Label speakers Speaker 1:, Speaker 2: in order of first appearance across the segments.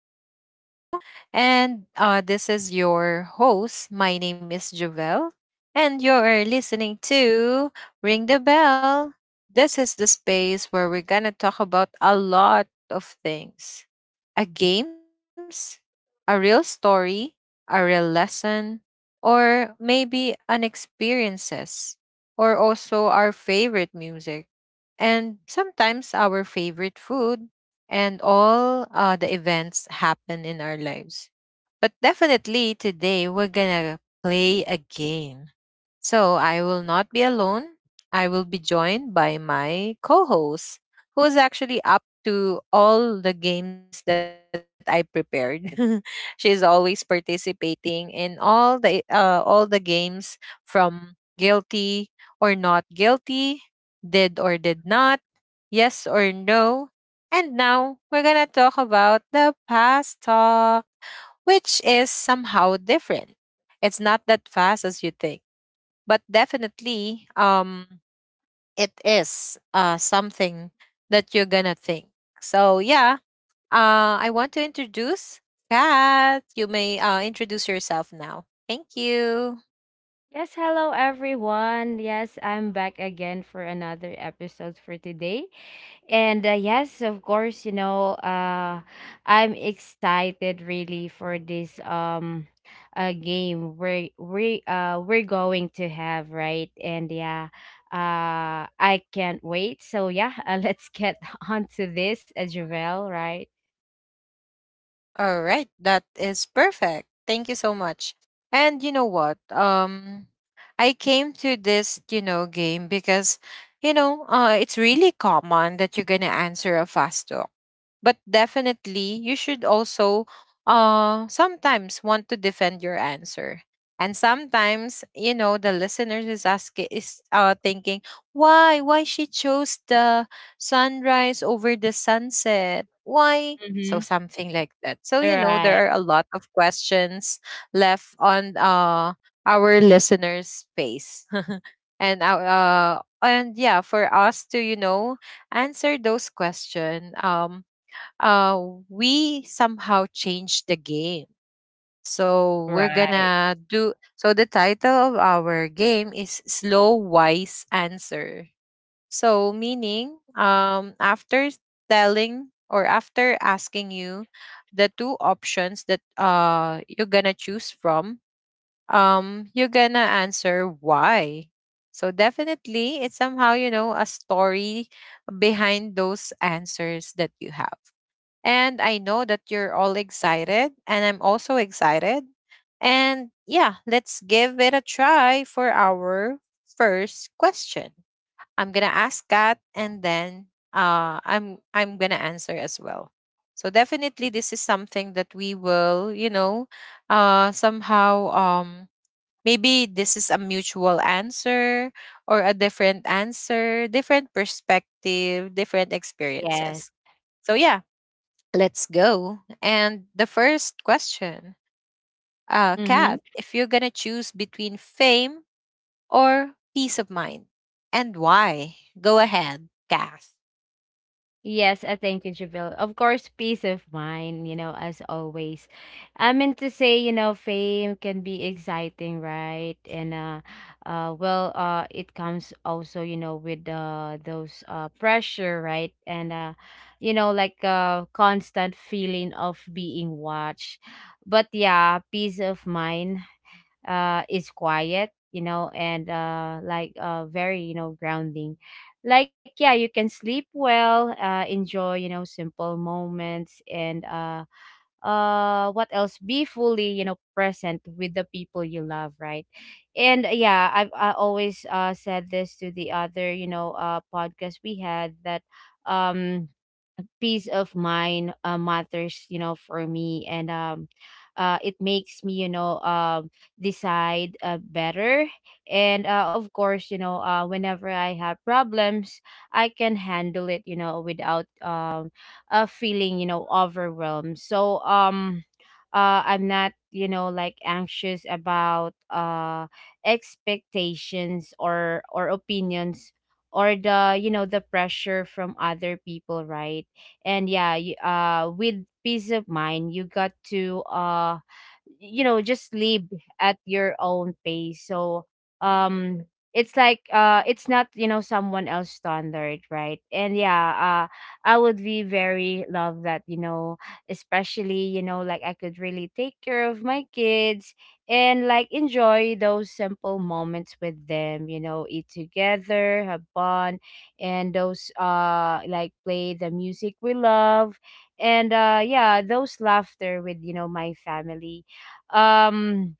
Speaker 1: to the show. And This is your host. My name is Jovel, and you're listening to Ring the Bell. This is the space where we're going to talk about a lot of things, a games, a real story, a real lesson, or maybe an experiences, or also our favorite music, and sometimes our favorite food, and all the events happen in our lives. But definitely today we're gonna play a game. So I will not be alone. I will be joined by my co host, who is actually up to all the games that I prepared. She's always participating in all the games, from guilty or not guilty, did or did not, yes or no. And now we're going to talk about the past talk, which is somehow different. It's not that fast as you think, but definitely it is something that you're going to think. So I want to introduce Kat. You may introduce yourself now. Thank you.
Speaker 2: Yes, hello everyone. Yes, I'm back again for another episode for today. And yes, of course, you know, I'm excited really for this game we're going to have, right? And yeah, I can't wait. So yeah, let's get on to this, Javel, right?
Speaker 1: All right, that is perfect. Thank you so much. And you know what? I came to this, you know, game because it's really common that you're going to answer a fast talk, but definitely you should also sometimes want to defend your answer. And sometimes you know the listeners is asking, is thinking, why she chose the sunrise over the sunset, why, so
Speaker 2: Mhm.
Speaker 1: something like that. So you know
Speaker 2: Right.
Speaker 1: there are a lot of questions left on our listeners space, and our and yeah, for us to, you know, answer those questions. Uh, we somehow changed the game. So we're
Speaker 2: Right.
Speaker 1: gonna do. So the title of our game is Slow Wise Answer. So meaning, after telling, or after asking you the two options that you're gonna choose from, you're gonna answer why. So definitely, it's somehow, you know, a story behind those answers that you have. And I know that you're all excited, and I'm also excited. And yeah, let's give it a try for our first question. I'm gonna ask Kat, and then I'm gonna answer as well. So definitely, this is something that we will, you know, somehow, maybe this is a mutual answer or a different answer, different perspective, different
Speaker 2: Yes.
Speaker 1: experiences. So yeah, let's go. And the first question,
Speaker 2: Mhm.
Speaker 1: Kat, if you're gonna choose between fame or peace of mind, and why? Go ahead, Kat.
Speaker 2: Yes, thank you, Jabil. Of course, peace of mind, you know, as always. I meant to say, you know, fame can be exciting, right? It comes also, you know, with those pressure, right? And You know, constant feeling of being watched. But yeah, peace of mind is quiet, you know, and very, you know, grounding. Like, yeah, you can sleep well, enjoy, you know, simple moments, and what else, be fully, you know, present with the people you love, right? and yeah, I always said this to the other, you know, podcast we had that um peace of mind matters, you know, for me. And It makes me, you know, decide better. And Of course, you know, whenever I have problems I can handle it, you know, without feeling, you know, overwhelmed. I'm not, you know, like, anxious about expectations or opinions or the, you know, the pressure from other people, right? And with peace of mind you got to, you know, just live at your own pace. Um it's like, it's not, you know, someone else standard, right? And I would be very love that, you know, especially, you know, like, I could really take care of my kids and like enjoy those simple moments with them, you know, eat together, have fun, and those like play the music we love. And yeah, those laughter with, you know, my family. um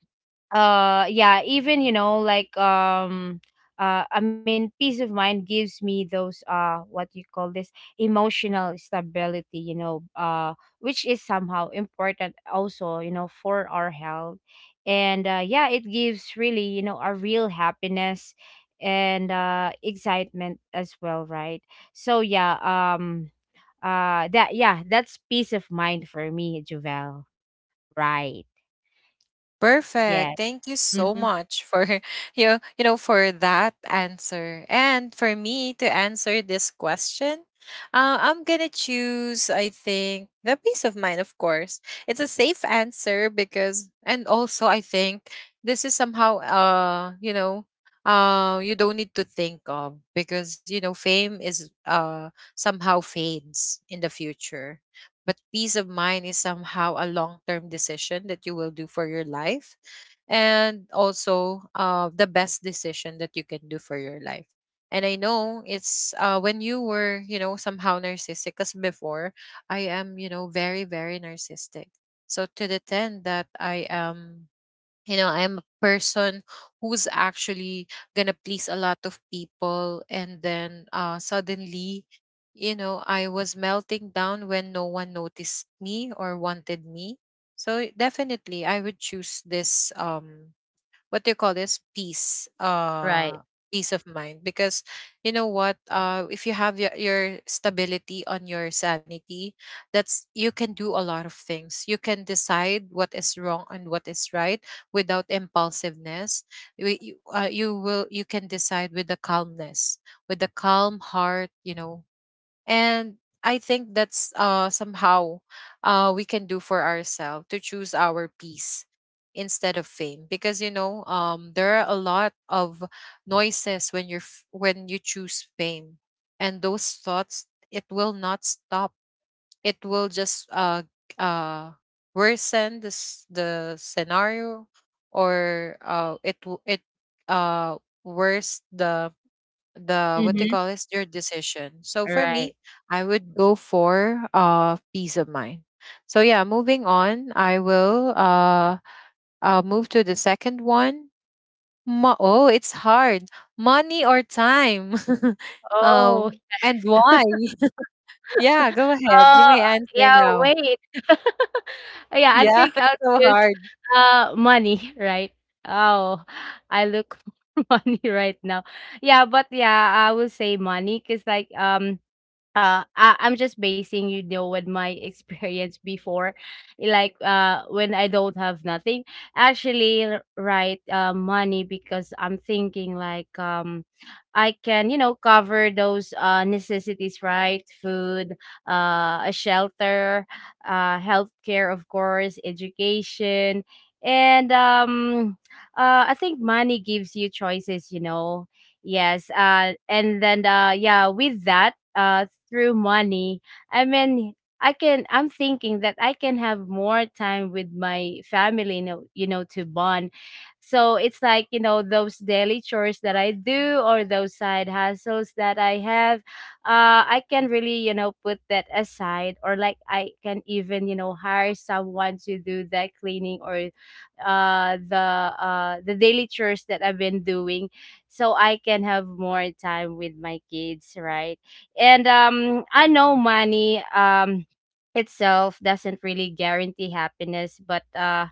Speaker 2: yeah, even, you know, I mean, peace of mind gives me those what you call this emotional stability, you know, which is somehow important also, you know, for our health. And yeah, it gives really, you know, a real happiness and excitement as well, right? So yeah, um that, yeah, that's peace of mind for me, Javel. Right.
Speaker 1: Perfect.
Speaker 2: Yeah.
Speaker 1: Thank you so
Speaker 2: Mm-hmm.
Speaker 1: much for you know, for that answer. And for me to answer this question, I'm gonna choose, I think, the peace of mind. Of course, it's a safe answer, because, and also I think this is somehow, you don't need to think of, because you know fame is somehow fades in the future, but peace of mind is somehow a long term decision that you will do for your life, and also the best decision that you can do for your life. And I know it's when you were, you know, somehow narcissistic, because before I am, you know, very, very narcissistic. So to the 10 that I am, you know, I'm a person who's actually gonna please a lot of people, and then suddenly, you know, I was melting down when no one noticed me or wanted me. So definitely I would choose this, what do you call this peace,
Speaker 2: Right.
Speaker 1: peace of mind, because you know what, if you have your stability on your sanity, that's, you can do a lot of things. You can decide what is wrong and what is right without impulsiveness. You, you, uh, you will you can decide with the calmness, with the calm heart, you know. And I think that's somehow we can do for ourselves, to choose our peace instead of fame, because you know, there are a lot of noises when when you choose fame, and those thoughts, it will not stop. It will just uh worsen the scenario, or it w- it uh worse the what they
Speaker 2: Mm-hmm.
Speaker 1: call is your decision. So for me,
Speaker 2: Right.
Speaker 1: I would go for peace of mind. So yeah, moving on, I will move to the second one. Oh, it's hard. Money or time?
Speaker 2: Oh.
Speaker 1: Oh, and why? Yeah, go ahead. You
Speaker 2: uh,
Speaker 1: may answer
Speaker 2: yeah,
Speaker 1: now.
Speaker 2: wait. Yeah, I
Speaker 1: Yeah,
Speaker 2: think
Speaker 1: it's
Speaker 2: I'll
Speaker 1: so
Speaker 2: choose
Speaker 1: hard.
Speaker 2: money, right? Oh, I look for money right now. Yeah, but yeah, I will say money because I'm just basing, you know, with my experience before, like when I don't have nothing. Actually, money, because I'm thinking I can, you know, cover those necessities, right? Food, a shelter, healthcare, of course, education, and I think money gives you choices, you know. Yes. And then, yeah, with that, through money, I mean, I'm thinking that I can have more time with my family, you know, to bond. So it's like, you know, those daily chores that I do or those side hustles that I have, I can really, you know, put that aside, or like I can even, you know, hire someone to do that cleaning or the daily chores that I've been doing, so I can have more time with my kids, right? And I know money itself doesn't really guarantee happiness, but uh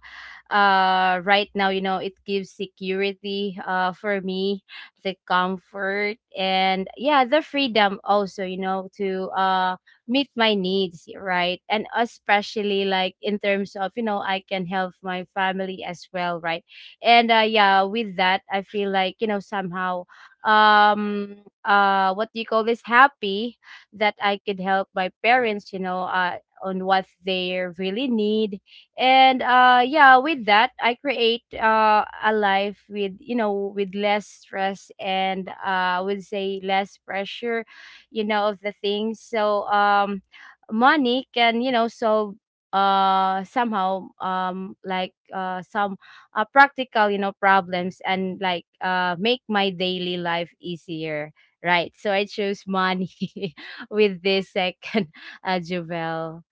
Speaker 2: uh right now, you know, it gives security for me, the comfort, and yeah, the freedom also, you know, to meet my needs, right? And especially, like, in terms of, you know, I can help my family as well, right? and yeah, with that I feel like, you know, somehow um what do you call this, happy that I could help my parents, you know, on what they really need. And yeah, with that I create a life with, you know, with less stress and I would say less pressure, you know, of the things. Money can, you know, solve somehow, some practical, you know, problems, and like make my daily life easier, right? So I chose money with this second jewel,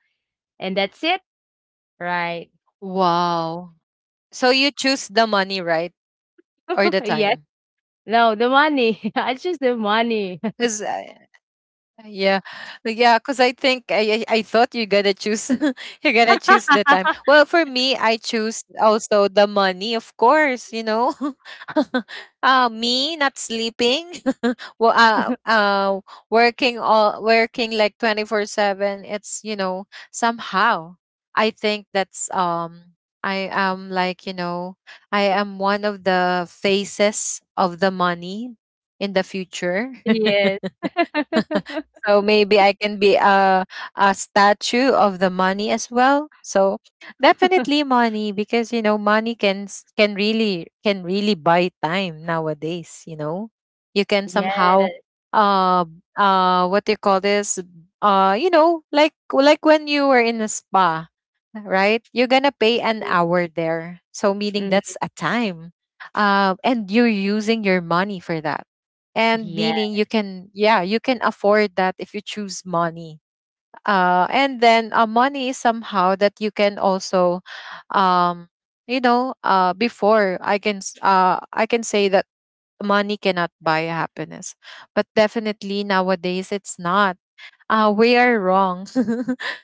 Speaker 2: and that's it. Right.
Speaker 1: Wow. So you choose the money, right? Or the time?
Speaker 2: Yes, no, the money, I choose the money.
Speaker 1: Because, yeah, like, yeah. Cause I think I thought you're gonna choose you're gonna choose the time. Well, for me, I choose also the money, of course. You know, me not sleeping, well, uh, uh, working, all working like 24/7. It's, you know, somehow, I think that's I am, like, you know, I am one of the faces of the money in the future.
Speaker 2: Yes.
Speaker 1: So maybe I can be a statue of the money as well. So definitely money, because you know money can really, can really buy time nowadays, you know. You can somehow
Speaker 2: Yes.
Speaker 1: uh what do you call this? You know, like when you were in a spa, right? You're gonna pay an hour there. So meaning that's
Speaker 2: Mm,
Speaker 1: a time. And you're using your money for that. And
Speaker 2: yeah.
Speaker 1: meaning you can, yeah, you can afford that if you choose money. And then Money is somehow that you can also, um, you know, before I can, I can say that money cannot buy happiness, but definitely nowadays it's not, we are wrong.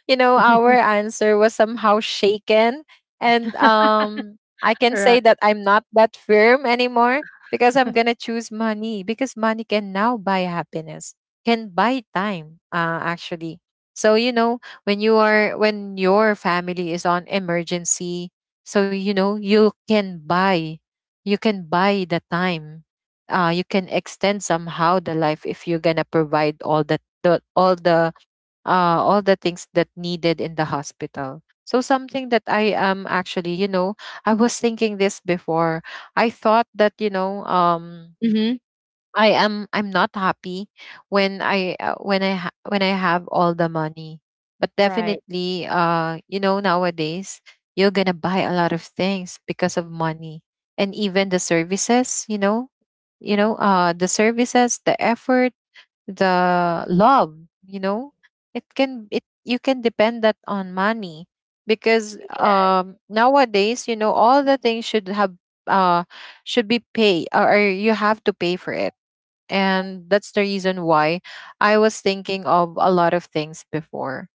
Speaker 1: You know, our answer was somehow shaken. And I can say
Speaker 2: Right.
Speaker 1: that I'm not that firm anymore, because I'm going to choose money, because money can now buy happiness, can buy time, actually. So, you know, when you are, when your family is on emergency, so, you know, you can buy the time. You can extend somehow the life if you're gonna provide all the, the all the all the things that needed in the hospital. So something that I am actually, you know, I was thinking this before. I thought that, you know,
Speaker 2: Mm-hmm.
Speaker 1: I am, I'm not happy when I ha- when I have all the money. But
Speaker 2: Right.
Speaker 1: definitely, you know, nowadays you're gonna buy a lot of things because of money, and even the services, you know, the services, the effort, the love, you know, it can, it, you can depend that on money, because, nowadays, you know, all the things should have uh should be pay, or you have to pay for it. And that's the reason why I was thinking of a lot of things before.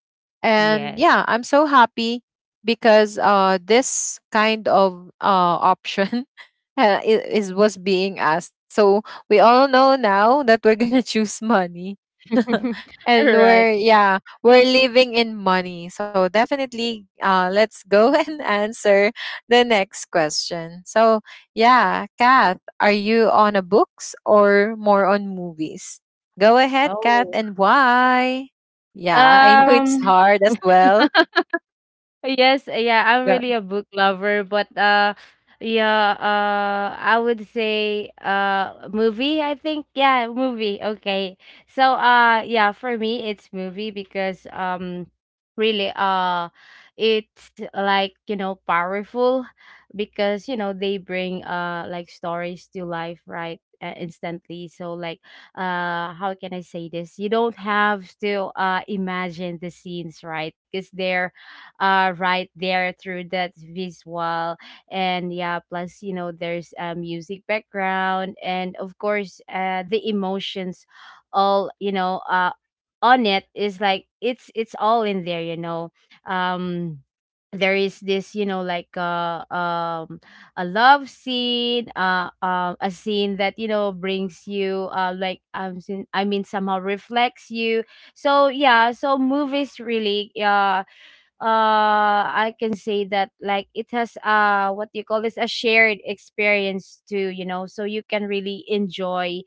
Speaker 1: And
Speaker 2: Yes.
Speaker 1: yeah, I'm so happy because this kind of option is was being asked. So we all know now that we're gonna choose money. And
Speaker 2: Right.
Speaker 1: we're, yeah, we're living in money, so definitely let's go and answer the next question. So yeah, Kath, are you on a books or more on movies? Go ahead, Kath,
Speaker 2: Oh.
Speaker 1: and why? Yeah, I know it's
Speaker 2: Um,
Speaker 1: hard as well.
Speaker 2: yes, yeah, I'm
Speaker 1: Go-
Speaker 2: really a book lover, but yeah, I would say movie, I think. Yeah, movie. Okay. So yeah, for me it's movie because really it's like, you know, powerful because, you know, they bring like stories to life, right? Instantly. So like how can I say this? You don't have to imagine the scenes, right? Because they're right there through that visual. And yeah, plus, you know, there's a music background, and of course the emotions, all you know on it, is like, it's all in there, you know. um there is this, you know, a love scene, a scene that, you know, brings you I mean, somehow reflects you. So yeah, so movies really I can say that, like, it has what do you call this, a shared experience too, you know, so you can really enjoy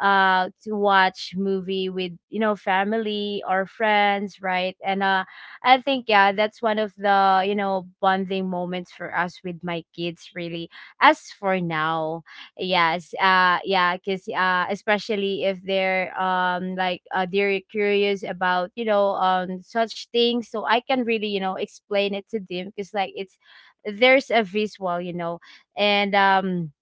Speaker 2: to watch movie with, you know, family or friends, right? And I think, yeah, that's one of the, you know, bonding moments for us with my kids really. As for now, yes. Yeah, cuz especially if they're they're curious about, you know, such things, so I can really, you know, explain it to them, cuz like it's there's a visual, you know. And um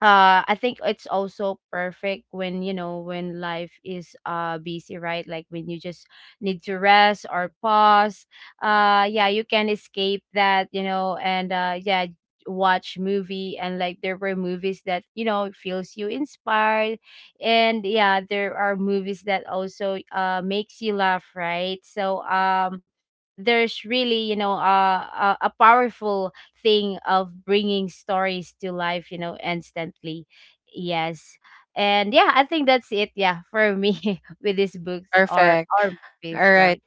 Speaker 2: uh I think it's also perfect when, you know, when life is busy, right? Like when you just need to rest or pause. Yeah, you can escape that, you know. And yeah, watch movie, and like there were movies that, you know, feels you inspired, and yeah, there are movies that also makes you laugh, right? So there's really, you know, a powerful thing of bringing stories to life, you know, instantly. Yes. And yeah, I think that's it, yeah, for me with these books
Speaker 1: Perfect.
Speaker 2: or
Speaker 1: All
Speaker 2: movies,
Speaker 1: right.
Speaker 2: right?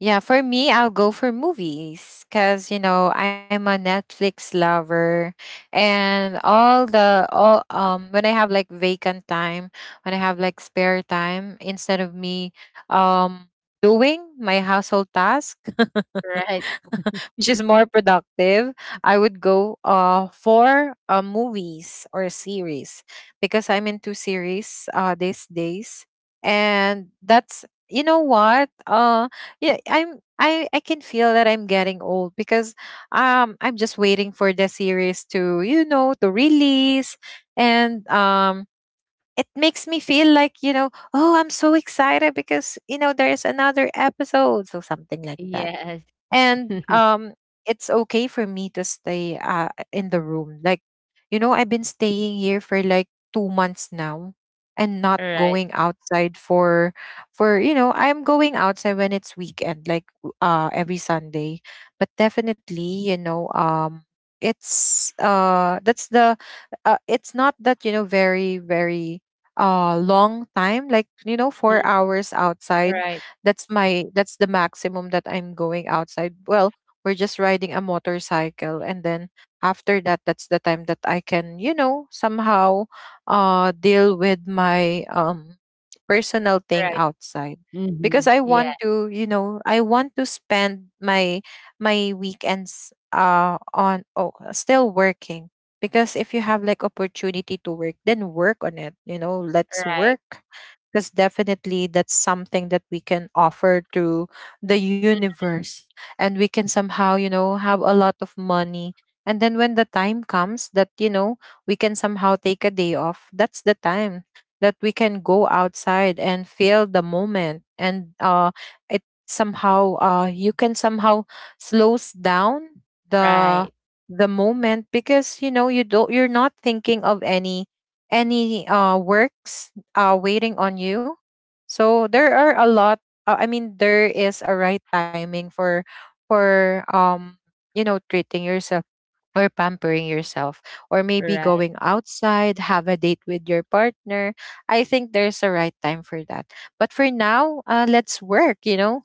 Speaker 1: Yeah, for me, I'll go for movies, because you know I'm a Netflix lover, and all the all, when I have like vacant time, when I have like spare time, instead of me um doing my household task,
Speaker 2: Right.
Speaker 1: which is more productive, I would go for movies or series, because I'm into series these days, and that's, you know what yeah, I I can feel that I'm getting old, because I'm just waiting for the series to, you know, to release. And. It makes me feel like, you know, oh, I'm so excited, because, you know, there's another episode. So something like that.
Speaker 2: Yes.
Speaker 1: And It's okay for me to stay in the room, like, you know, I've been staying here for like 2 months now, and not
Speaker 2: All right.
Speaker 1: going outside for, you know, I'm going outside when it's weekend, like every Sunday. But definitely, you know, it's that's the, it's not that, you know, very long time, like, you know, 4
Speaker 2: Mhm.
Speaker 1: hours
Speaker 2: All
Speaker 1: outside.
Speaker 2: right.
Speaker 1: That's my, that's the maximum that I'm going outside. Well, we're just riding a motorcycle, and then after that, that's the time that I can, you know, somehow deal with my personal thing
Speaker 2: Right.
Speaker 1: outside.
Speaker 2: Mm-hmm.
Speaker 1: Because I
Speaker 2: Yeah.
Speaker 1: want to, I want to spend my weekends on oh still working because if you have like opportunity to work then work on it. Let's
Speaker 2: Right.
Speaker 1: work because definitely that's something that we can offer to the
Speaker 2: Mhm.
Speaker 1: universe. And we can somehow, you know, have a lot of money. And then when the time comes that, you know, we can somehow take a day off, that's the time that we can go outside and feel the moment. And it somehow, you can somehow slows down the
Speaker 2: Right.
Speaker 1: the moment, because you don't, you're not thinking of any works waiting on you. So there are a lot. I mean, there is a right timing for, treating yourself, or pampering yourself, or maybe
Speaker 2: Right.
Speaker 1: going outside, have a date with your partner. I think there's a right time for that. But for now, let's work.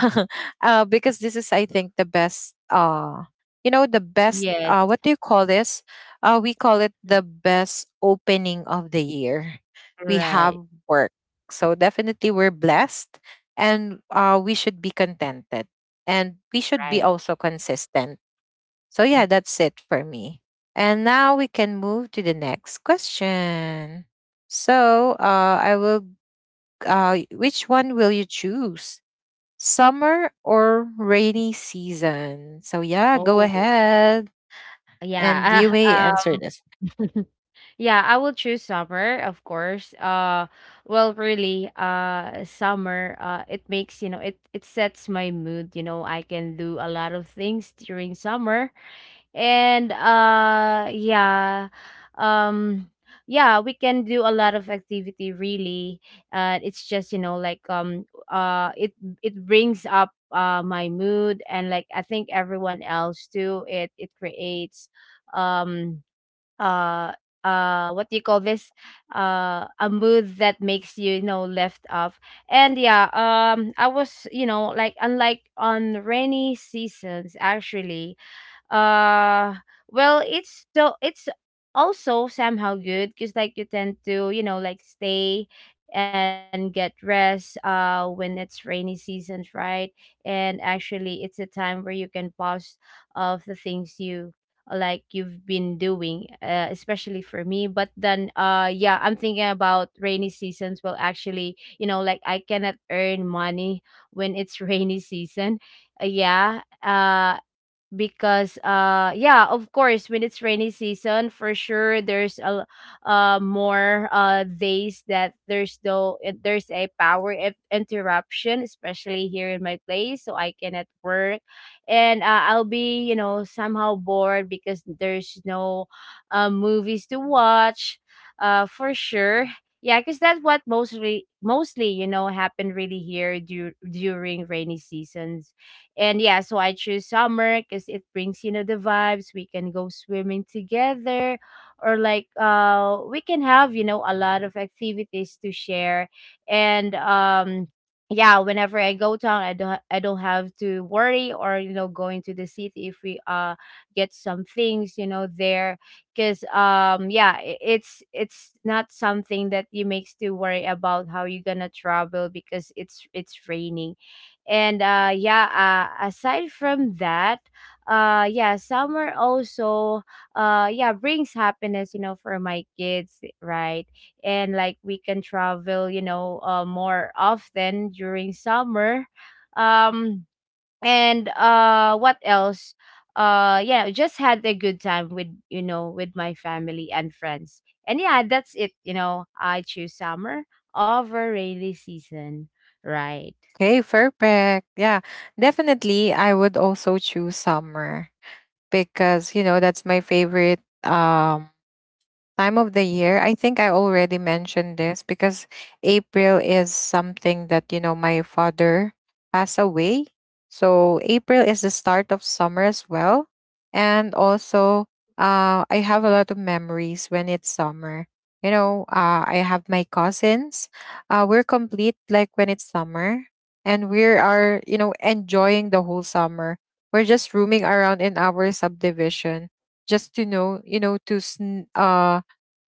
Speaker 1: Because this is, I think, the best, you know, the best
Speaker 2: Yes.
Speaker 1: uh what do you call this, we call it the best opening of the year. We have
Speaker 2: Right.
Speaker 1: work. So definitely we're blessed, and we should be contented, and we should be
Speaker 2: Right.
Speaker 1: also consistent. So,
Speaker 2: Mm.
Speaker 1: yeah, that's it for me. And now we can move to the next question. So, I will, which one will you choose? Summer or rainy season? So, yeah, go
Speaker 2: Oh.
Speaker 1: ahead and
Speaker 2: Yeah,
Speaker 1: you may
Speaker 2: uh,
Speaker 1: answer this.
Speaker 2: yeah, I will choose summer, of course. Well, really, summer, it makes, you know, it sets my mood, you know. I can do a lot of things during summer. And yeah, um yeah, we can do a lot of activity really. It's just, you know, it it brings up my mood, and like I think everyone else too. It creates um uh what do you call this, a mood that makes you, you know, left off. And yeah, I was, you know, like, unlike on rainy seasons. Actually, uh well, it's so it's also somehow good because, like, you tend to, you know, like, stay and get rest when it's rainy seasons, right? And actually it's a time where you can pause of the things you, like, you've been doing, especially for me. But then yeah, I'm thinking about rainy seasons, well, actually, you know, like, I cannot earn money when it's rainy season. Yeah, because, yeah, of course, when it's rainy season, for sure there's a more days that there's no there's a power in- interruption, especially here in my place, so I cannot work. And I'll be, you know, somehow bored because there's no movies to watch, for sure. Yeah, because that's what mostly you know, happen really here du- during rainy seasons. And yeah, so I choose summer because it brings, you know, the vibes. We can go swimming together, or like we can have, you know, a lot of activities to share. And yeah, whenever I go town, I don't have to worry or going to the city if we get some things, there because yeah it's not something that you makes to worry about how you're gonna travel because it's raining and yeah. Aside from that, yeah, summer also yeah brings happiness, for my kids, right? And like we can travel, more often during summer. um and what else? Yeah, just had a good time with with my family and friends. And yeah, that's it, I choose summer over rainy season. Right.
Speaker 1: Okay, perfect. Yeah, definitely. I would also choose summer because, you know, that's my favorite time of the year. I think I already mentioned this. Because April is something that, you know, my father passed away. So April is the start of summer as well. And also, I have a lot of memories when it's summer. You know, I have my cousins. We're complete like when it's summer. And we are, you know, enjoying the whole summer. We're just roaming around in our subdivision just to know, you know,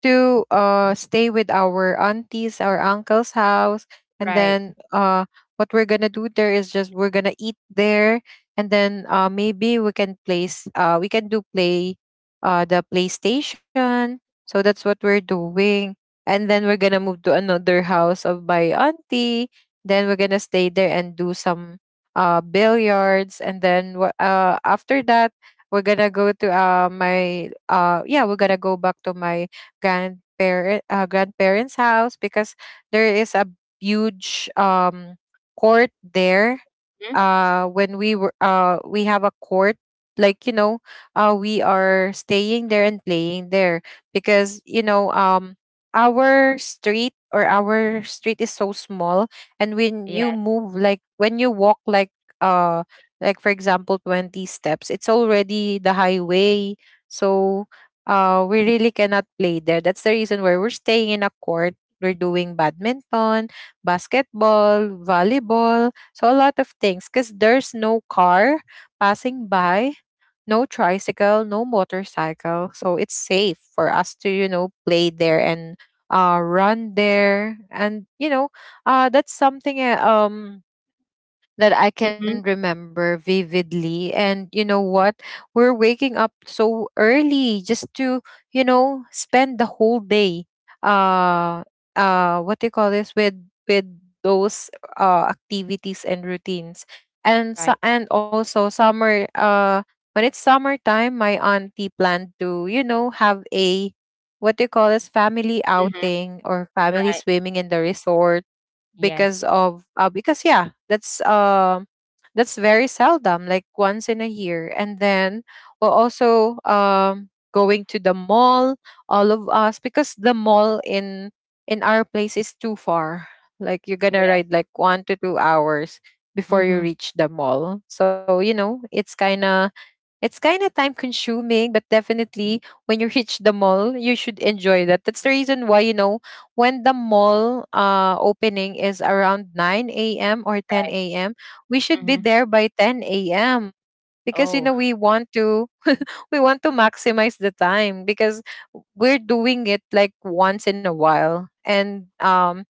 Speaker 1: to stay with our aunties, our uncle's house. And
Speaker 2: Right.
Speaker 1: then what we're going to do there is just we're going to eat there. And then, maybe we can place, we can do play, the PlayStation. So that's what we're doing. And then we're going to move to another house of my auntie. Then we're going to stay there and do some billiards. And then after that, we're gonna go to my yeah, we're gonna go back to my grandparents' house because there is a huge court there. When we were, we have a court, like, you know, we are staying there and playing there because, you know, our street or our street is so small. And when you
Speaker 2: Yeah.
Speaker 1: move, like, when you walk, like, uh like for example, 20 steps, it's already the highway. So we really cannot play there. That's the reason why we're staying in a court. We're doing badminton, basketball, volleyball. So a lot of things, because there's no car passing by, no tricycle, no motorcycle. So it's safe for us to, you know, play there and run there. And, you know, that's something, that I can
Speaker 2: Mhm.
Speaker 1: remember vividly. And you know what? We're waking up so early just to, you know, spend the whole day uh what do you call this, with with those activities and routines. And
Speaker 2: Right.
Speaker 1: so, and also summer, when it's summertime, my auntie planned to, you know, have a, what do you call this, family
Speaker 2: Mhm.
Speaker 1: outing or family
Speaker 2: Right.
Speaker 1: swimming in the resort, because
Speaker 2: Yes.
Speaker 1: of, because yeah, that's very seldom, like once in a year. And then we're also going to the mall, all of us, because the mall in our place is too far, like you're gonna
Speaker 2: Yes.
Speaker 1: ride like 1 to 2 hours before you
Speaker 2: Mhm.
Speaker 1: reach the mall. So you know, it's kind of time consuming. But definitely when you reach the mall, you should enjoy that. That's the reason why, you know, when the mall, opening is around 9 a.m. or
Speaker 2: Right.
Speaker 1: 10 a.m., we should be
Speaker 2: Mhm.
Speaker 1: there by 10 a.m. Because, you
Speaker 2: Oh.
Speaker 1: know, we want to maximize the time because we're doing it like once in a while. And um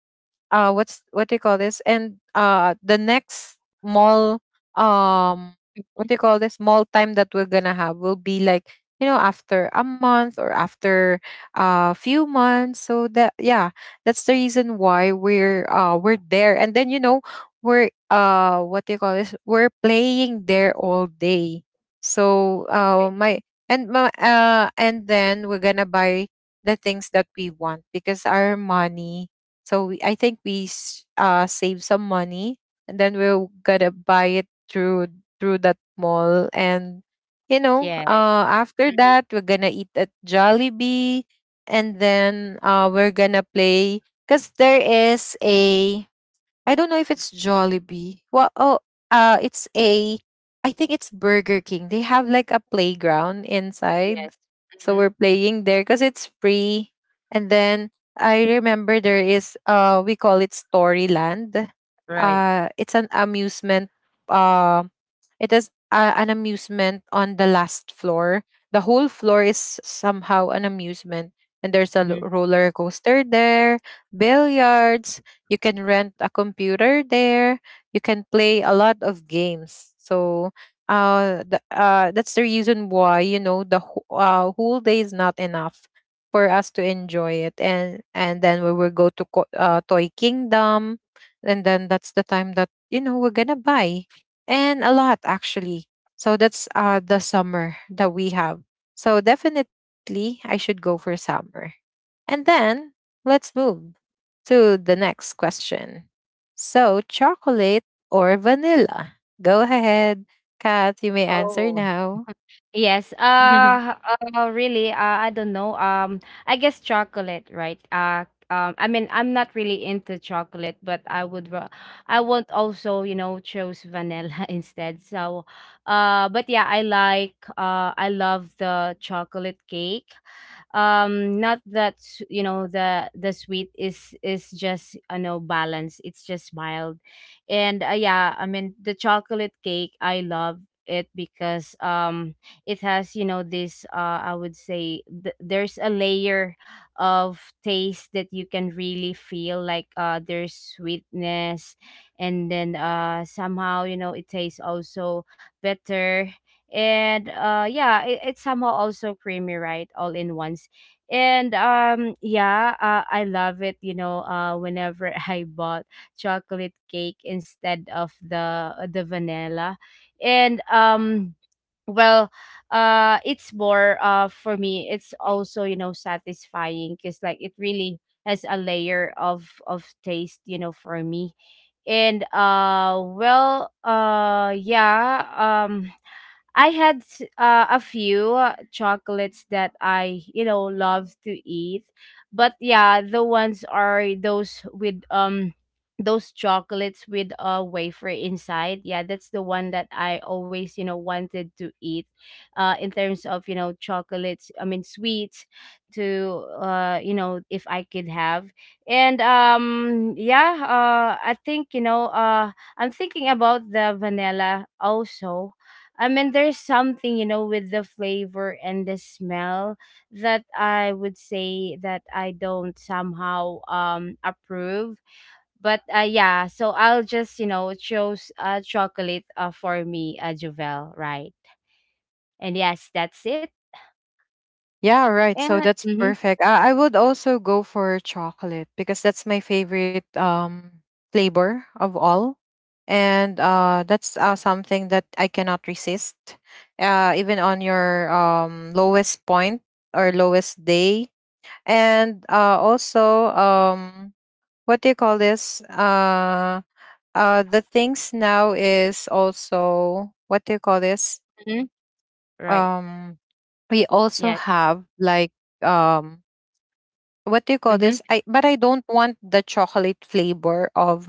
Speaker 1: uh what's, what do you call this, and the next mall, um
Speaker 2: Mhm.
Speaker 1: what do you call this, mall time that we're gonna have will be like, you know, after a month or after a few months. So that, yeah, that's the reason why we're there. And then, you know, we're what do you call this, we're playing there all day. So
Speaker 2: Right.
Speaker 1: my and my and then we're gonna buy the things that we want, because our money, so we, I think we, save some money, and then we're gonna buy it through that mall. And you know,
Speaker 2: Yes.
Speaker 1: after that, we're gonna eat at Jollibee. And then we're gonna play because there is a, I don't know if it's Jollibee. Well, oh, it's a. I think it's Burger King. They have like a playground inside,
Speaker 2: Yes.
Speaker 1: so
Speaker 2: Mhm.
Speaker 1: we're playing there because it's free. And then I remember there is, we call it Storyland.
Speaker 2: Right.
Speaker 1: It's an amusement. Uh, it is, an amusement on the last floor. The whole floor is somehow an amusement, and there's a
Speaker 2: Mhm.
Speaker 1: roller coaster there, billiards, you can rent a computer there. You can play a lot of games. So that's the reason why, you know, whole day is not enough for us to enjoy it. And then we will go to Toy Kingdom, and then that's the time that, you know, we're gonna buy, and a lot actually. So that's the summer that we have. So definitely I should go for summer. And then let's move to the next question. So, chocolate or vanilla? Go ahead, Kat, you may answer
Speaker 2: Oh.
Speaker 1: now.
Speaker 2: Yes. Uh, really, I don't know. I guess chocolate, right? I mean, I'm not really into chocolate, but I would, I want also, choose vanilla instead. So, but yeah, I like, I love the chocolate cake. Not that, the sweet is just, balance. It's just mild, and yeah, I mean, the chocolate cake, I love it because it has, this, I would say there's a layer of taste that you can really feel, like there's sweetness, and then somehow, it tastes also better, and yeah, it, it's somehow also creamy, right, all in once. And yeah, I love it, whenever I bought chocolate cake instead of the vanilla. And well It's more, for me it's also, satisfying, because like it really has a layer of taste, for me. And well Yeah, I had a few chocolates that I, love to eat. But yeah, the ones are those with those chocolates with a wafer inside. Yeah, that's the one that I always, wanted to eat. In terms of, chocolates, I mean sweets, to if I could have. And yeah, I think, I'm thinking about the vanilla also. I mean, there's something, with the flavor and the smell that I would say that I don't somehow approve. But yeah, so I'll just, choose chocolate, for me, Jovel, right? And yes, that's it.
Speaker 1: Yeah, right. So
Speaker 2: And
Speaker 1: that's
Speaker 2: mm-hmm.
Speaker 1: perfect. I would also go for chocolate because that's my favorite flavor of all. And that's, something that I cannot resist. Uh, even on your lowest point or lowest day. And also, what do you call this, the things now is also, what do you call this,
Speaker 2: Hmm. Right.
Speaker 1: um we
Speaker 2: Yes.
Speaker 1: also have like, um what do you call
Speaker 2: Mm-hmm.
Speaker 1: this, I, but I don't want the chocolate flavor of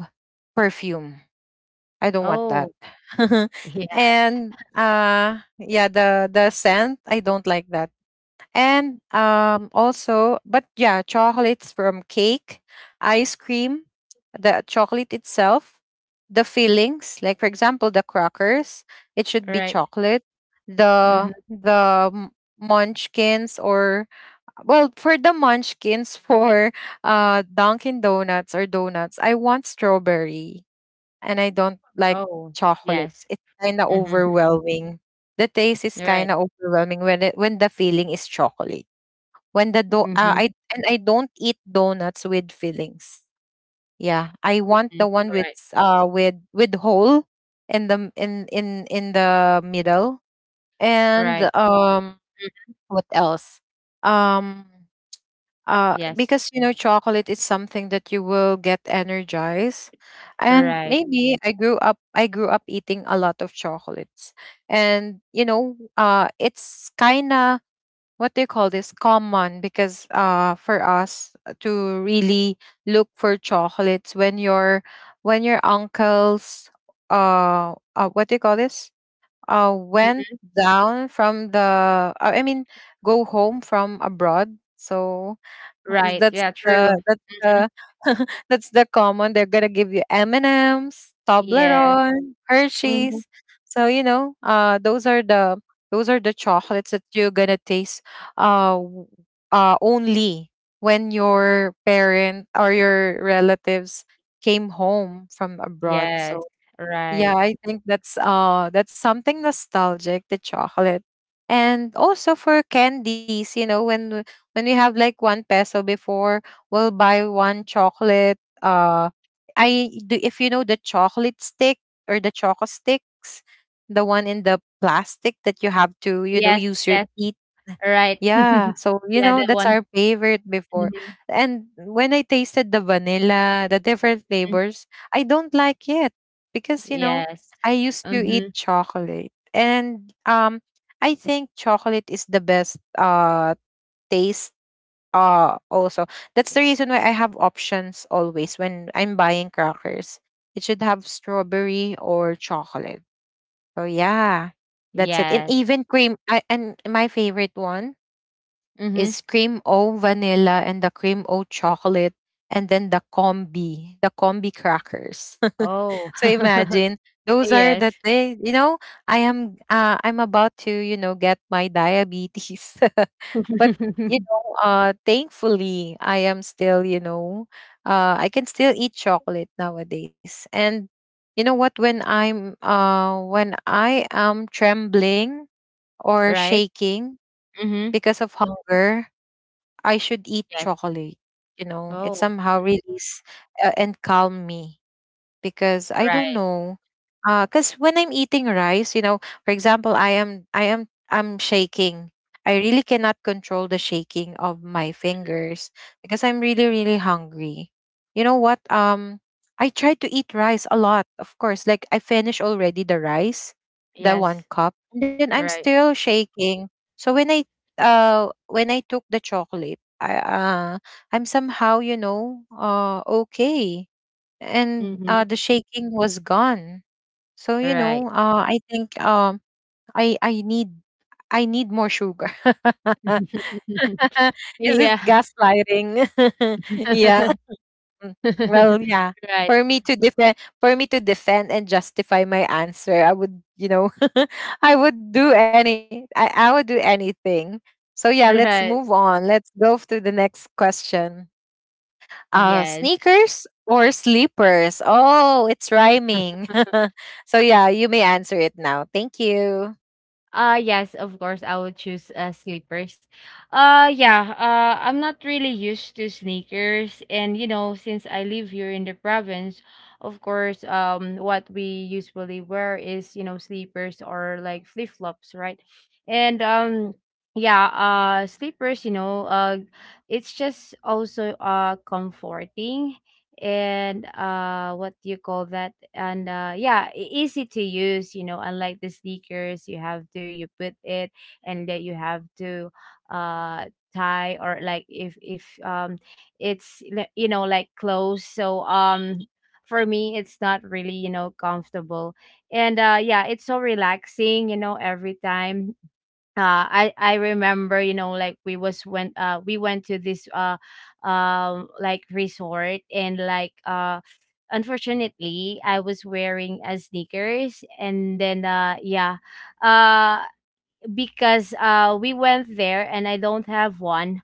Speaker 1: perfume, I don't want
Speaker 2: Oh.
Speaker 1: that.
Speaker 2: Yeah,
Speaker 1: And yeah, the scent, I don't like that. And also, but yeah, chocolates from cake, ice cream, the chocolate itself, the fillings, like for example, the crackers, it should be
Speaker 2: right.
Speaker 1: chocolate.
Speaker 2: Mm-hmm.
Speaker 1: The munchkins or, well, for the munchkins for Dunkin' Donuts or donuts, I want strawberry and I don't like
Speaker 2: Oh, yes.
Speaker 1: chocolates. It's kind of
Speaker 2: Mm-hmm.
Speaker 1: overwhelming. The taste is
Speaker 2: Right.
Speaker 1: kind of overwhelming when it when the filling is chocolate. When the do
Speaker 2: Mm-hmm.
Speaker 1: I, and I don't eat donuts with fillings. Yeah, I want
Speaker 2: Mm-hmm.
Speaker 1: the one
Speaker 2: Right.
Speaker 1: with with hole in the m- in the middle. And
Speaker 2: Right.
Speaker 1: what else? Um
Speaker 2: Yes.
Speaker 1: because you know, chocolate is something that you will get energized. And
Speaker 2: Right.
Speaker 1: maybe I grew up eating a lot of chocolates. And you know, it's kind of, what do you call this, common, because for us to really look for chocolates when your uncles, what do you call this, went down from the, I mean, go home from abroad. So
Speaker 2: Right,
Speaker 1: that's
Speaker 2: yeah,
Speaker 1: the,
Speaker 2: true. Mhm.
Speaker 1: that's the common. They're gonna give you M and M's,
Speaker 2: Yeah.
Speaker 1: Toblerone,
Speaker 2: Mhm.
Speaker 1: Hershey's. So you know, those are the, chocolates that you're gonna taste, uh, w- only when your parent or your relatives came home from abroad.
Speaker 2: Yes,
Speaker 1: So yeah,
Speaker 2: right.
Speaker 1: I think that's something nostalgic, the chocolate. And also for candies, you know, when we have like one peso before, we'll buy one chocolate. Uh I do, if you know, the chocolate stick or the choco sticks, the one in the plastic that you have to, you know,
Speaker 2: Yes,
Speaker 1: use your
Speaker 2: yes,
Speaker 1: teeth.
Speaker 2: right.
Speaker 1: Yeah, so you
Speaker 2: Yeah,
Speaker 1: know,
Speaker 2: that
Speaker 1: that's
Speaker 2: one.
Speaker 1: our favorite before.
Speaker 2: Mhm.
Speaker 1: And when I tasted the vanilla, the different
Speaker 2: Mm.
Speaker 1: flavors, I don't like it because you know,
Speaker 2: Yes.
Speaker 1: I used to eat
Speaker 2: Mhm.
Speaker 1: chocolate. And I think chocolate is the best taste. Also, that's the reason why I have options always when I'm buying crackers. It should have strawberry or chocolate. So yeah, that's it. And
Speaker 2: Yeah.
Speaker 1: even cream. I and my favorite one
Speaker 2: Mhm.
Speaker 1: is cream o vanilla and the cream o chocolate and then the combi crackers
Speaker 2: Oh.
Speaker 1: so imagine those are
Speaker 2: Yes.
Speaker 1: the they you know I'm about to get my diabetes, but thankfully I am still. I can still eat chocolate nowadays. And you know what when I am trembling or
Speaker 2: Right.
Speaker 1: shaking
Speaker 2: Mhm.
Speaker 1: because of hunger, I should eat
Speaker 2: Yes.
Speaker 1: chocolate. It
Speaker 2: Oh,
Speaker 1: somehow release, and calm me, because I don't
Speaker 2: right.
Speaker 1: know. Cause when I'm eating rice, for example, I'm shaking. I really cannot control the shaking of my fingers because I'm really hungry. You know what? I try to eat rice a lot, of course. Like I finish already the rice, the one
Speaker 2: Yes.
Speaker 1: cup, and then I'm
Speaker 2: Right.
Speaker 1: still shaking. So when I took the chocolate, I'm somehow okay, and
Speaker 2: Mhm.
Speaker 1: the shaking was gone. So
Speaker 2: Right.
Speaker 1: I think I I need I need more sugar. Is it
Speaker 2: Yeah.
Speaker 1: gaslighting? Yeah. Mm. Well, yeah.
Speaker 2: Right,
Speaker 1: For me to defend, for me to defend and justify my answer, I would, I would do any, I would do anything. So yeah, let's move
Speaker 2: right.
Speaker 1: on. Let's go to the next question.
Speaker 2: Yes.
Speaker 1: Sneakers or sleepers? Oh, it's rhyming. So yeah, you may answer it now. Thank you.
Speaker 2: Yes, of course I would choose slippers. Yeah, I'm not really used to sneakers, and you know, since I live here in the province, of course, what we usually wear is, you know, slippers or like flip-flops, right? And yeah, slippers, it's just also comforting, and what do you call that, and yeah, easy to use, you know, unlike the sneakers. You have to you put it, and that you have to uh tie, or like if you know, like clothes, so for me it's not really, you know, comfortable. And yeah, it's so relaxing, you know. Every time, I remember, you know, like we went to this like resort, and unfortunately I was wearing a sneakers, and then yeah, uh because we went there and I don't have one.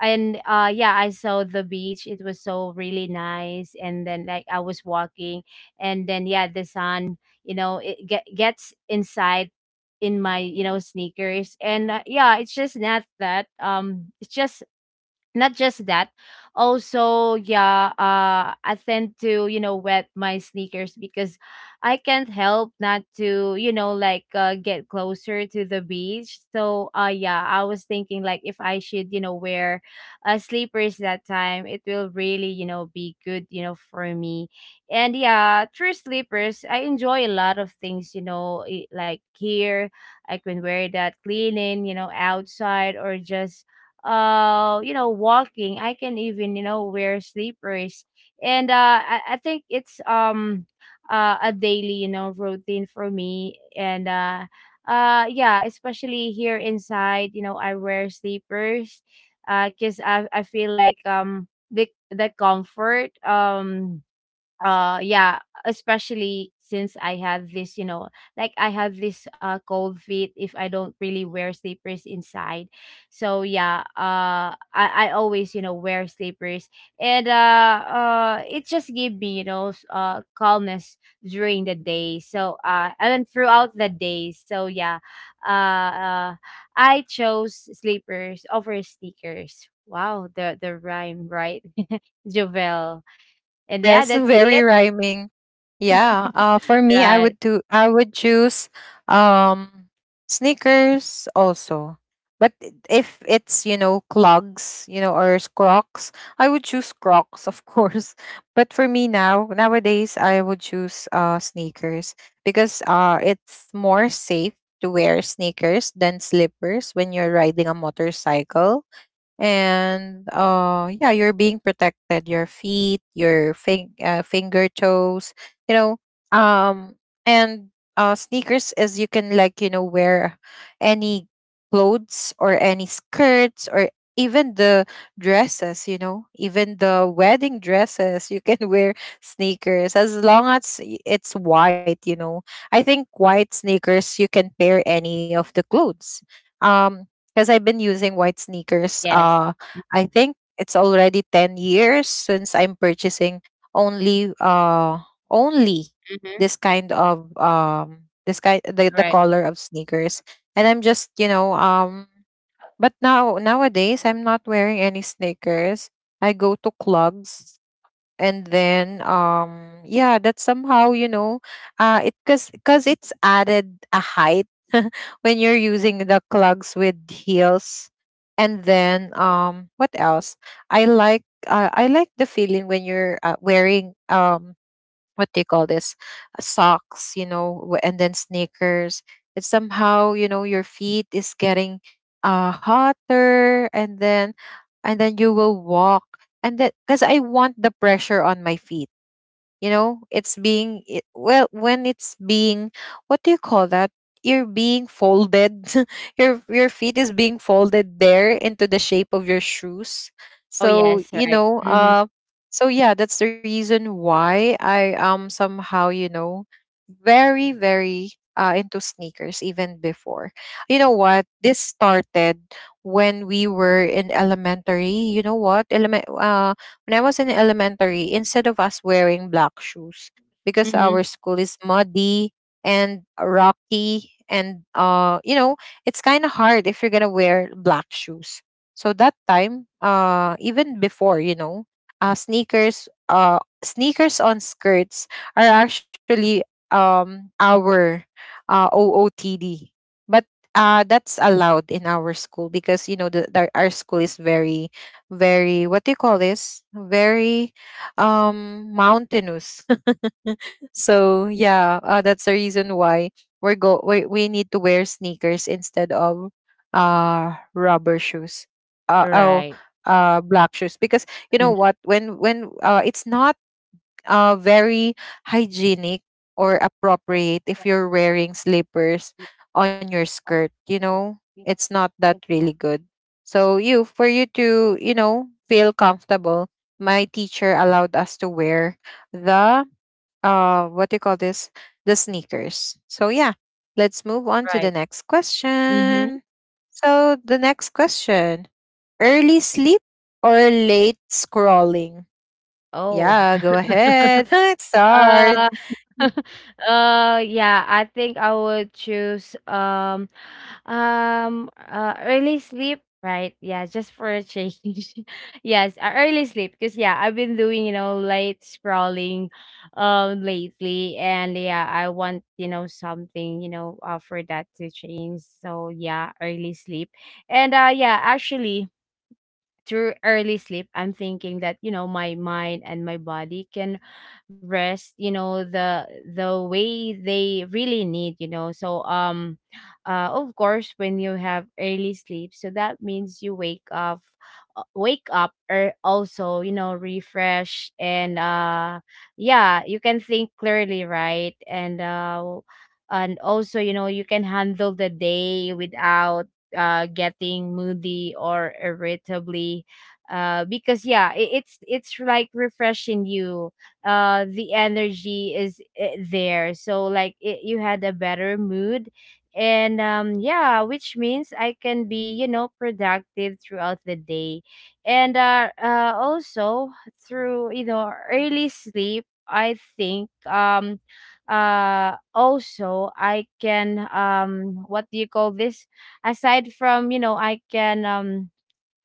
Speaker 2: And yeah, I saw the beach, it was so really nice, and then like I was walking, and then yeah, the sun, you know, it gets inside in my, you know, sneakers, and yeah, it's just not that it's just not just that. Also yeah, I tend to, you know, wet my sneakers because I can't help not to, you know, like get closer to the beach. So yeah, I was thinking, like if I should, you know, wear sleepers that time, it will really, you know, be good, you know, for me. And yeah, through sleepers I enjoy a lot of things, you know, like here I can wear that cleaning, you know, outside, or just you know walking, I can even, you know, wear sleepers. And I think it's a daily, you know, routine for me. And Yeah, especially here inside, you know, I wear sleepers, because I feel like the comfort, yeah, especially since I have this, you know, like I have this cold feet. If I don't really wear sleepers inside, so yeah, I always, you know, wear sleepers, and it just give me, you know, calmness during the day. So and throughout the day, so yeah, uh, uh I chose sleepers over sneakers. Wow, the rhyme, right, Jovel? And yeah,
Speaker 1: Yes,
Speaker 2: that's it.
Speaker 1: very rhyming. Yeah. For me,
Speaker 2: Right.
Speaker 1: I would do. I would choose um sneakers also. But if it's clogs, you know, or Crocs, I would choose Crocs, of course. But for me now, nowadays, I would choose sneakers, because it's more safe to wear sneakers than slippers when you're riding a motorcycle. And yeah, you're being protected, your feet, your finger toes, you know. Um and Sneakers is, you can like, wear any clothes or any skirts, or even the dresses, you know, even the wedding dresses. You can wear sneakers as long as it's white, you know. I think white sneakers you can pair any of the clothes. um because I've been using white sneakers.
Speaker 2: Yes.
Speaker 1: I think it's already 10 years since I'm purchasing only uh only
Speaker 2: Mhm.
Speaker 1: this kind of this kind, the
Speaker 2: Right.
Speaker 1: color of sneakers, and I'm just But now nowadays I'm not wearing any sneakers. I go to clogs, and then yeah, that somehow you know, it, because it's added a height when you're using the clogs with heels. And then what else? I like I like the feeling when you're wearing um, what do you call this, socks, you know, and then sneakers. It's somehow you know, your feet is getting hotter, and then you will walk, and then because I want the pressure on my feet, you know, it's being well, when it's being what do you call that, you're being folded. Your feet is being folded there into the shape of your shoes.
Speaker 2: Oh,
Speaker 1: So
Speaker 2: yes, right. Mhm.
Speaker 1: so yeah, that's the reason why I am somehow you know very very into sneakers, even before. You know what, this started when we were in elementary. You know what element. When I was in elementary, instead of us wearing black shoes, because our
Speaker 2: Mhm.
Speaker 1: school is muddy and rocky, and you know, it's kind of hard if you're gonna wear black shoes. So that time, even before, sneakers, sneakers on skirts are actually our ootd. But that's allowed in our school, because you know the our school is very very what do you call this, very mountainous. So yeah, that's the reason why we need to wear sneakers instead of rubber shoes, uh oh
Speaker 2: Right.
Speaker 1: black shoes, because you know
Speaker 2: Mhm.
Speaker 1: what, when it's not very hygienic or appropriate if you're wearing slippers on your skirt. You know, it's not that really good. So you, for you to, you know, feel comfortable, my teacher allowed us to wear the what do you call this, the sneakers. So yeah, let's move on to the
Speaker 2: Right.
Speaker 1: next
Speaker 2: Mhm.
Speaker 1: question. So the next question: early sleep or late scrolling?
Speaker 2: Oh.
Speaker 1: Yeah, go ahead. It's hard.
Speaker 2: Uh. Yeah, I think I would choose early sleep. Right. Yeah, just for a change. Yes, early sleep. Because yeah, I've been doing, you know, late scrolling, lately, and yeah, I want, you know, something, you know, for that to change. So yeah, early sleep. And yeah, actually, through early sleep, I'm thinking that, you know, my mind and my body can rest, you know, the way they really need, you know. So of course when you have early sleep, so that means you wake up, or also, you know, refresh. And yeah, you can think clearly, right. And and also, you know, you can handle the day without getting moody or irritably, because yeah, it's like refreshing you, the energy is there, so like it, you had a better mood. And yeah, which means I can be, you know, productive throughout the day. And also through, you know, early sleep, I think, also I can, what do you call this, aside from, you know, I can,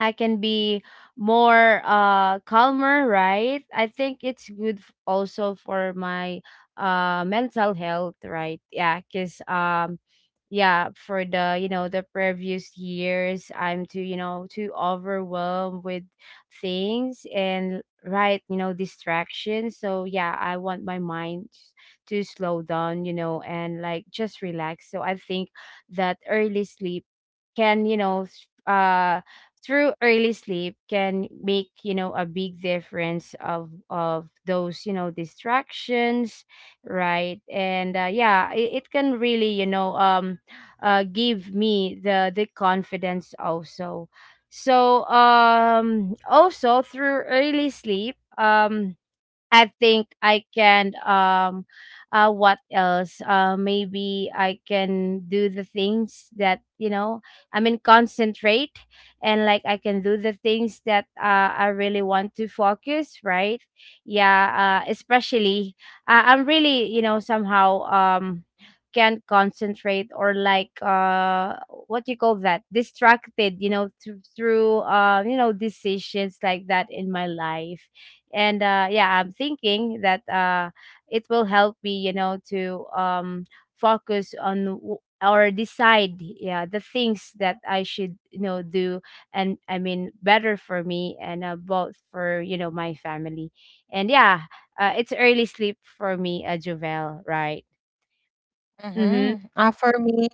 Speaker 2: I can be more calmer, right? I think it's good, also for my mental health, right? Yeah, cuz yeah, for the, you know, the previous years, I'm too, you know, too overwhelmed with things, and right, you know, distractions. So yeah, I want my mind to slow down, you know, and like just relax. So I think that early sleep can, through early sleep can make, you know, a big difference of those, you know, distractions, right. And yeah, it can really, you know, give me the confidence also. So also through early sleep, I think I can, what else? Maybe I can do the things that, you know, I mean concentrate, and like I can do the things that I really want to focus, right? Yeah, especially, I'm really, you know, somehow can't concentrate, or like what do you call that, distracted, you know, through you know, decisions like that in my life. And yeah, I'm thinking that, it will help me, you know, to focus on or decide yeah the things that I should, you know, do and I mean better for me, and both for, you know, my family. And yeah, it's early sleep for me, Jovel, right? Mm-hmm.
Speaker 1: Mm-hmm. For me,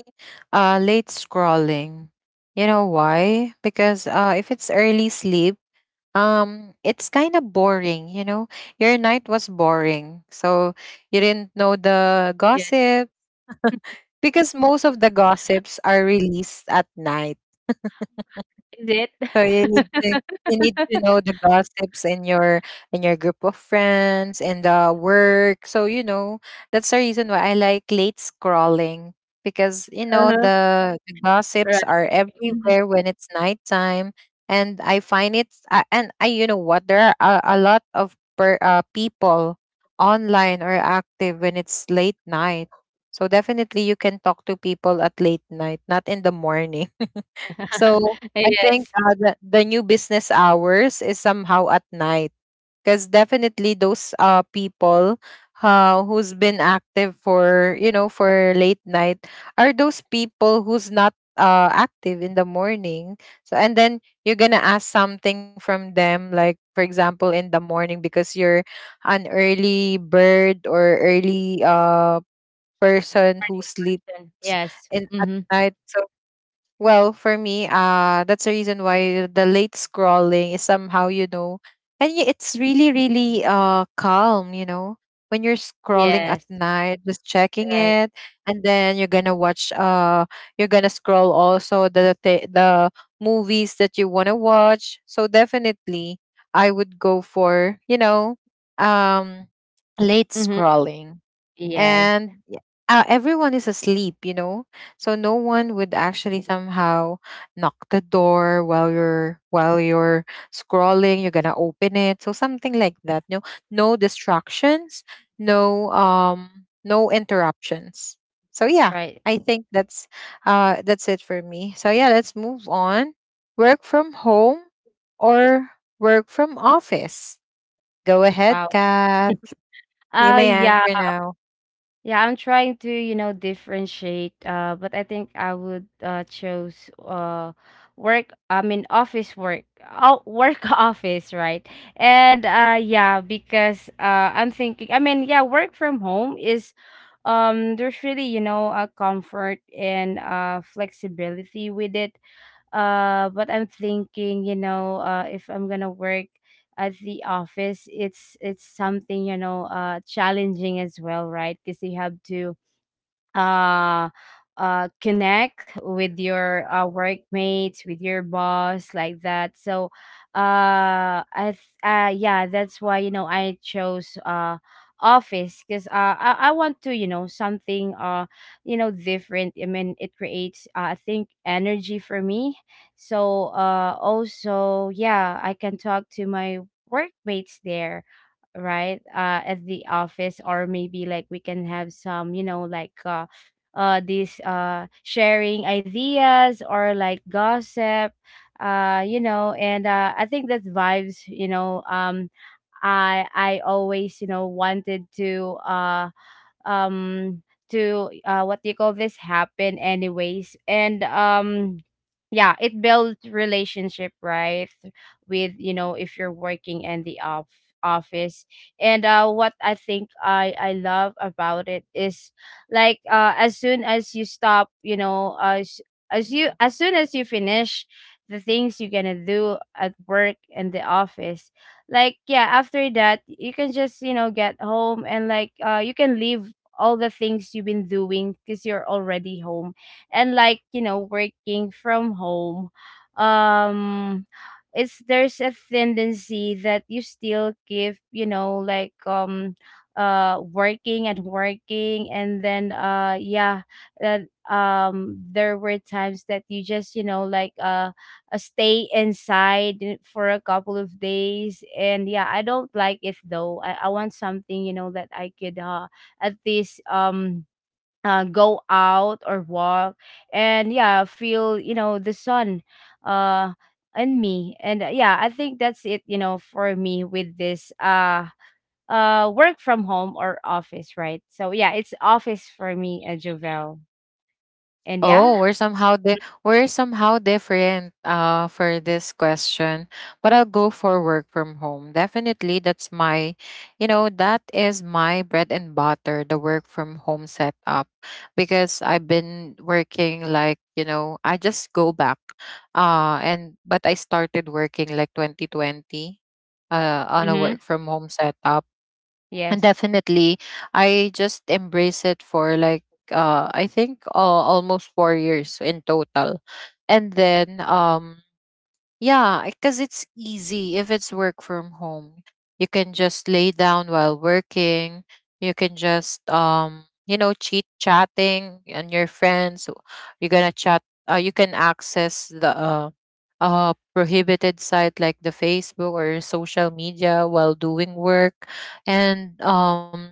Speaker 1: late scrolling. You know why? Because if it's early sleep, it's kind of boring. You know, your night was boring, so you didn't know the
Speaker 2: Yes.
Speaker 1: gossip because most of the gossips are released at night.
Speaker 2: Is it?
Speaker 1: So you need to know the gossips in your group of friends and the work. So you know that's the reason why I like late scrolling, because you know
Speaker 2: Uh-huh.
Speaker 1: the
Speaker 2: Right.
Speaker 1: gossips are
Speaker 2: Mhm.
Speaker 1: everywhere when it's nighttime. And I find it and I you know what, there are a lot of people online or active when it's late night. So definitely you can talk to people at late night, not in the morning. So I think
Speaker 2: Yes.
Speaker 1: the new business hours is somehow at night, because definitely those people who's been active for, you know, for late night are those people who's not active in the morning. So, and then you're going to ask something from them, like, for example, in the morning, because you're an early bird or early person who
Speaker 2: Morning
Speaker 1: sleeps
Speaker 2: person, yes.
Speaker 1: in at
Speaker 2: Mm-hmm.
Speaker 1: night. So well, for me, that's the reason why the late scrolling is somehow, you know, and it's really, really calm, you know, when you're scrolling at
Speaker 2: Yes.
Speaker 1: night, just checking
Speaker 2: Right.
Speaker 1: it, and then you're gonna scroll also the movies that you wanna watch. So definitely I would go for, you know, um late
Speaker 2: Mm-hmm.
Speaker 1: scrolling.
Speaker 2: Yes.
Speaker 1: And everyone is asleep, you know, so no one would actually somehow knock the door while you're scrolling. You're gonna open it, so something like that. No, no distractions, no interruptions. So yeah,
Speaker 2: Right.
Speaker 1: I think that's it for me. So yeah, let's move on. Work from home or work from office. Go ahead,
Speaker 2: Wow.
Speaker 1: Kat. You may
Speaker 2: Yeah.
Speaker 1: answer now.
Speaker 2: Yeah, I'm trying to, you know, differentiate. But I think I would choose work, I mean office work. Oh, work office, right? And yeah, because I'm thinking, I mean, yeah, work from home is, there's really, you know, a comfort and flexibility with it. But I'm thinking, you know, if I'm gonna work at the office, it's something, you know, challenging as well, right? Because you have to uh connect with your workmates, with your boss, like that. So yeah, that's why, you know, I chose office, because I want to, you know, something you know, different. I mean, it creates, I think, energy for me. So also, yeah, I can talk to my workmates there, right? At the office, or maybe like we can have some, you know, like these, sharing ideas or like gossip, you know. And I think that vibes, you know. I always, you know, wanted to um what do you call this, happen anyways. And yeah, it builds relationship, right? With, you know, if you're working in the office. And what I think I love about it is, like as soon as you stop, you know, as soon as you finish the things you're gonna do at work in the office. Like yeah, after that you can just, you know, get home, and like you can leave all the things you've been doing, because you're already home. And like, you know, working from home, um it's, there's a tendency that you still give, you know, like working and working. And then yeah, that there were times that you just, you know, like stay inside for a couple of days. And yeah, I don't like it though. I want something, you know, that I could at least go out or walk, and yeah, feel, you know, the sun uh in me. And yeah, I think that's it, you know, for me with this work from home or office, right? So yeah, it's office for me, Jovel. And yeah.
Speaker 1: Oh, we're somehow we're somehow different for this question. But I'll go for work from home. Definitely that's my you know, that is my bread and butter, the work from home setup. Because I've been working like, you know, I just go back. And but I started working like 2020 on a
Speaker 2: Mm-hmm.
Speaker 1: work from home setup. And
Speaker 2: Yes.
Speaker 1: definitely I just embrace it for like I think almost 4 years in total. And then yeah, because it's easy if it's work from home. You can just lay down while working. You can just you know, cheat chatting and your friends. You're gonna chat. You can access the prohibited site like the Facebook or social media while doing work. And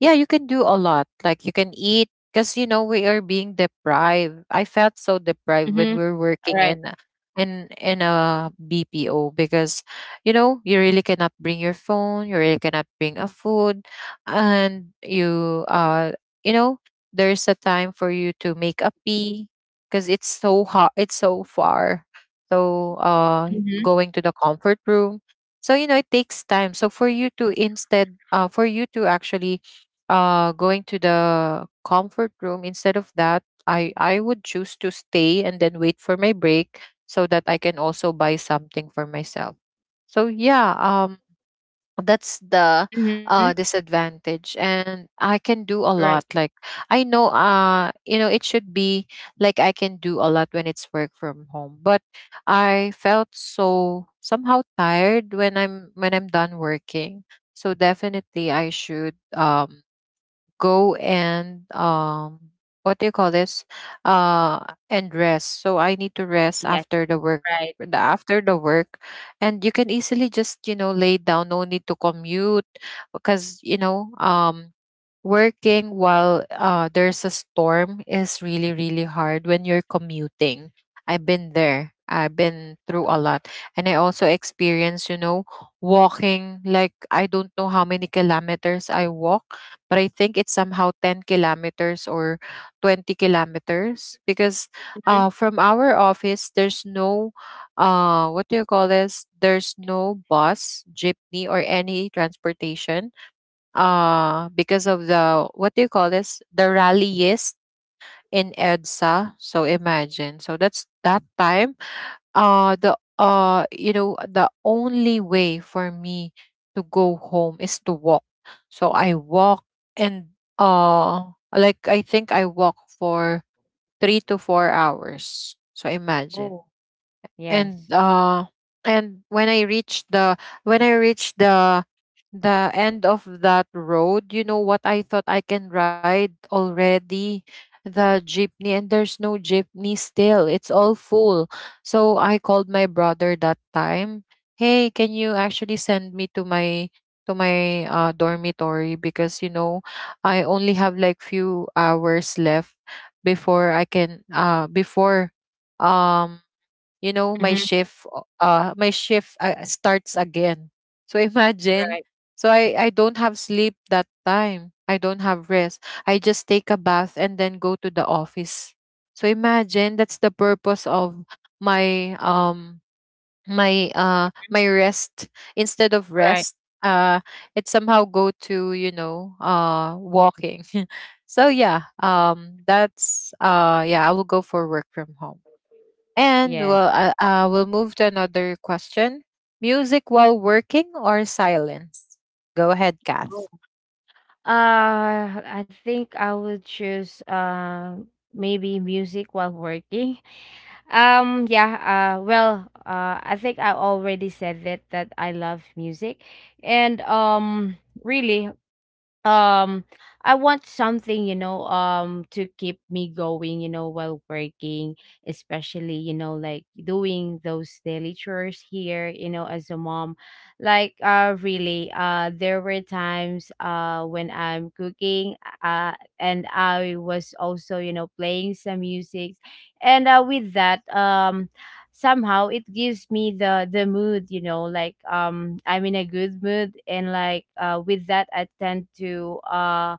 Speaker 1: yeah, you can do a lot. Like you can eat, because you know we are being deprived. I felt so deprived when
Speaker 2: Mm-hmm.
Speaker 1: we we're
Speaker 2: All
Speaker 1: working
Speaker 2: right.
Speaker 1: in a BPO, because you know you really cannot bring your phone, you really cannot bring a food, and you know there's a time for you to make a pee, because it's so hot, it's so far. So
Speaker 2: Mm-hmm.
Speaker 1: going to the comfort room. So you know it takes time. So for you to instead, for you to actually going to the comfort room, instead of that I would choose to stay and then wait for my break, so that I can also buy something for myself. So yeah, that's the
Speaker 2: Mm-hmm.
Speaker 1: disadvantage,
Speaker 2: Right.
Speaker 1: and I can do a lot. Like, I know it should be like, I can do a lot when it's work from home, but I felt so somehow tired when I'm done working. So definitely I should go and, what do you call this, uh and rest. So I need to
Speaker 2: Yes.
Speaker 1: rest after the
Speaker 2: Right.
Speaker 1: work, the work. And you can easily just, you know, lay down, no need to commute, because, working while, there's a storm is really really hard when you're commuting. I've been there, I've been through a lot, and I also experienced, you know, walking, like, I don't know how many kilometers I walk, but I think it's somehow 10 kilometers or 20 kilometers, because
Speaker 2: Mm-hmm.
Speaker 1: from our office there's no, what do you call this, there's no bus, jeepney, or any transportation, because of the, what do you call this, the rallyist in Edsa. So imagine. So that's that time, the you know, the only way for me to go home is to walk. So I walk, and, uh like, I think I walk for 3 to 4 hours, so imagine.
Speaker 2: Oh.
Speaker 1: And
Speaker 2: Yes.
Speaker 1: when I reached when i reached the the end of that road, you know what I thought, I can ride already the jeepney, and there's no jeepney still, it's all full. So I called my brother that time, hey, can you actually send me to my, to my dormitory, because, you know, I only have like few hours left before I can, before um you know,
Speaker 2: Mm-hmm.
Speaker 1: my shift, starts again. So imagine.
Speaker 2: Right.
Speaker 1: So I don't have sleep that time, I don't have rest, I just take a bath and then go to the office. So imagine, that's the purpose of my um my rest. Instead of
Speaker 2: Right.
Speaker 1: rest, uh it somehow go to, you know, walking. So yeah, that's, yeah, I will go for work from home, and
Speaker 2: Yes.
Speaker 1: we'll move to another question. Music while working or silence? Go ahead, Kath.
Speaker 2: I think I would choose maybe music while working. Yeah, well, I think I already said that I love music. And really, um I want something, you know, to keep me going, you know, while working, especially, you know, like doing those daily chores here, you know, as a mom. Like really, there were times when I'm cooking, uh and I was also, you know, playing some music. And with that, somehow it gives me the mood, you know, like I'm in a good mood. And like with that, I tend to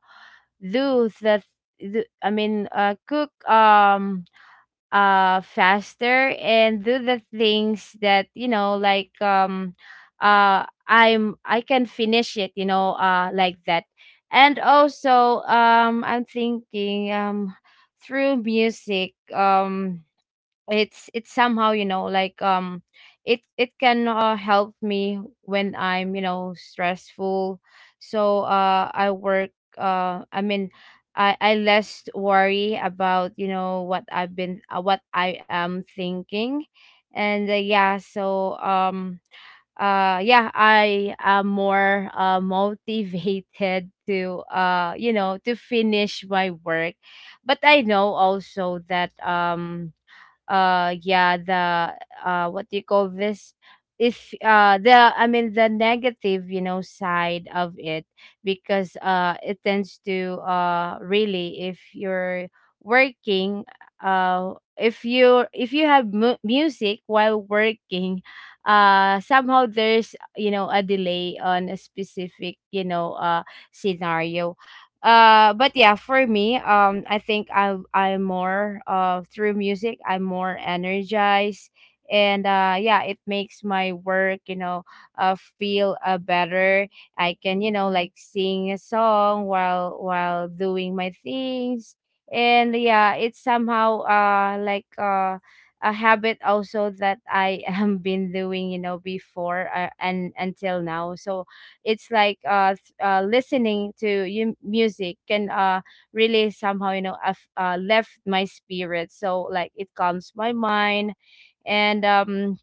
Speaker 2: do the I mean cook, faster, and do the things that, you know, like I can finish it, you know, like that. And also, I'm thinking, through music, it's, it's somehow, you know, like, it can help me when I'm, you know, stressful. So I work, I mean, I less worry about, you know, what I've been what I am thinking. And yeah, so yeah, I am more motivated to you know, to finish my work. But I know also that yeah, the what do you call this, if the I mean the negative, you know, side of it. Because it tends to really, if you're working, if you have music while working, somehow there's, you know, a delay on a specific, you know, scenario. But yeah, for me, I think I'm more, through music, I'm more energized. And yeah, it makes my work, you know, feel better. I can, you know, like sing a song while doing my things. And yeah, it's somehow like a habit also that I am been doing, you know, before, and until now. So it's like, listening to you music can really somehow, you know, I've, left my spirit, so like it calms my mind. And um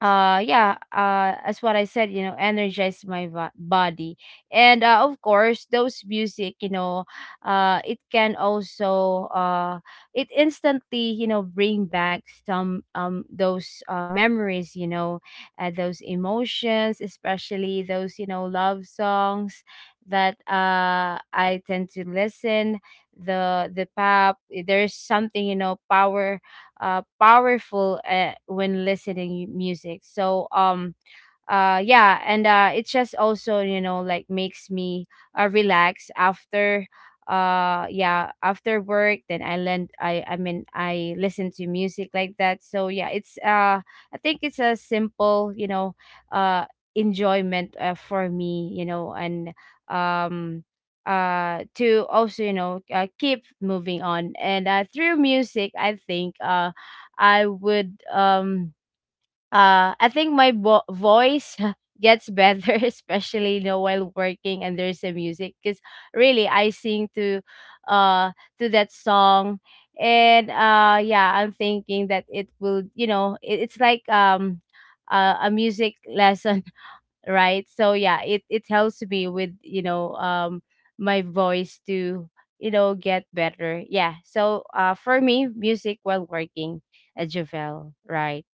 Speaker 2: uh yeah, as what I said, you know, energize my body. And of course those music, you know, it can also it instantly, you know, bring back some those, memories, you know, those emotions, especially those, you know, love songs that I tend to listen. The pop, eh, there's something, you know, power, powerful, when listening music. So yeah. And it just also, you know, like makes me relax after, yeah, after work. Then I lend I mean I listen to music like that. So yeah, it's I think it's a simple, you know, uh enjoyment, for me, you know. And um to also, you know, keep moving on. And through music, I think I would, I think my voice gets better especially, you know, while working and there's a music, because really I sing to, uh that song. And yeah, I'm thinking that it will, you know, it's like, a music lesson. Right? So yeah, it helps me with, you know, my voice to, you know, get better. Yeah, so for me, music while working at Javel, right?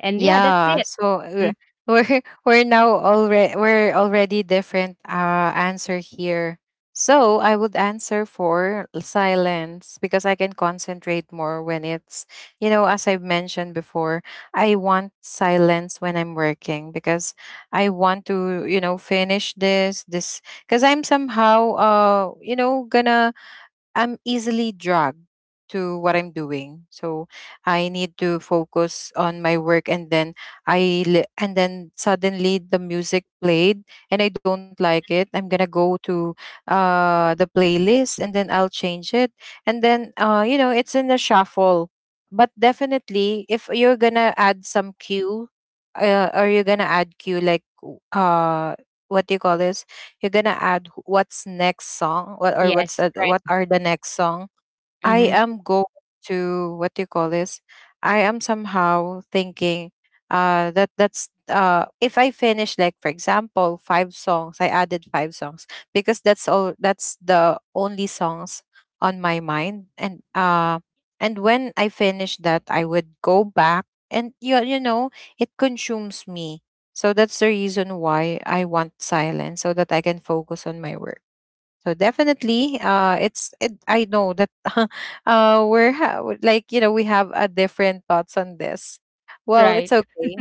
Speaker 2: And yeah, that's
Speaker 1: Yeah,
Speaker 2: it.
Speaker 1: so
Speaker 2: Mm.
Speaker 1: we're now already we're already different answer here. So I would answer for silence because I can concentrate more when it's, you know, as I've mentioned before, I want silence when I'm working, because I want to, you know, finish this because I'm somehow, you know, gonna, I'm easily dragged to what I'm doing. So I need to focus on my work, and then suddenly the music played and I don't like it. I'm going to go to the playlist and then I'll change it, and then, you know, it's in the shuffle. But definitely, if you're going to add some cue, or you're going to add cue, like, what do you call this? You're gonna add, what's next song, what's,
Speaker 2: Yes, right.
Speaker 1: what are the next song, I
Speaker 2: Mhm.
Speaker 1: am going to, what do you call this? I am somehow thinking that's, if I finish, like, for example, five songs, I added five songs, because that's all, that's the only songs on my mind. And when I finish that, I would go back, and you know, it consumes me. So that's the reason why I want silence, so that I can focus on my work. So definitely, I know that, like, you know, we have a different thoughts on this. Well, it's
Speaker 2: Right.
Speaker 1: okay.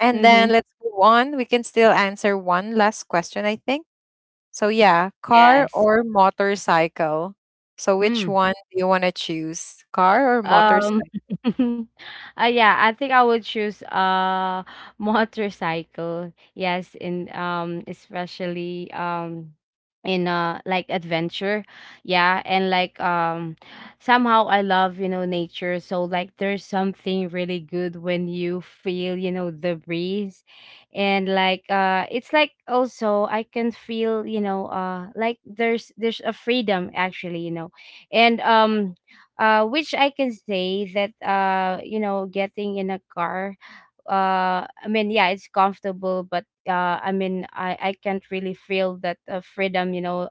Speaker 1: And then
Speaker 2: Mm-hmm.
Speaker 1: let's move on. We can still answer one last question, I think. So yeah, car
Speaker 2: Yes.
Speaker 1: or motorcycle. So which
Speaker 2: Hmm.
Speaker 1: one do you want to choose, car or
Speaker 2: Um,
Speaker 1: motorcycle?
Speaker 2: uh, yeah, I think I would choose motorcycle. Yes, in especially in like adventure. Yeah, and like somehow I love, you know, nature. So like there's something really good when you feel, you know, the breeze. And like it's like also I can feel, you know, like there's a freedom actually, you know. And which I can say that, you know, getting in a car, I mean, yeah, it's comfortable, but I mean, I can't really feel that freedom, you know,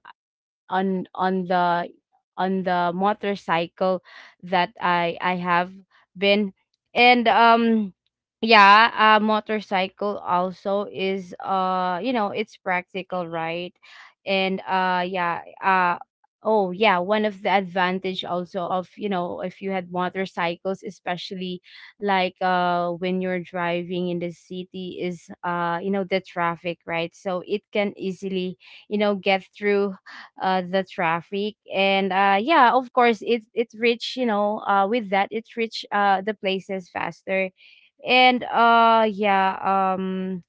Speaker 2: on the motorcycle that I have been. And yeah, a motorcycle also is, you know, it's practical, right? And yeah. Oh yeah, one of the advantage also of, you know, if you had motorcycles, especially like when you're driving in the city, is you know, the traffic, right? So it can easily, you know, get through the traffic. And yeah, of course it's rich, you know, with that it's rich, the places faster. And yeah. um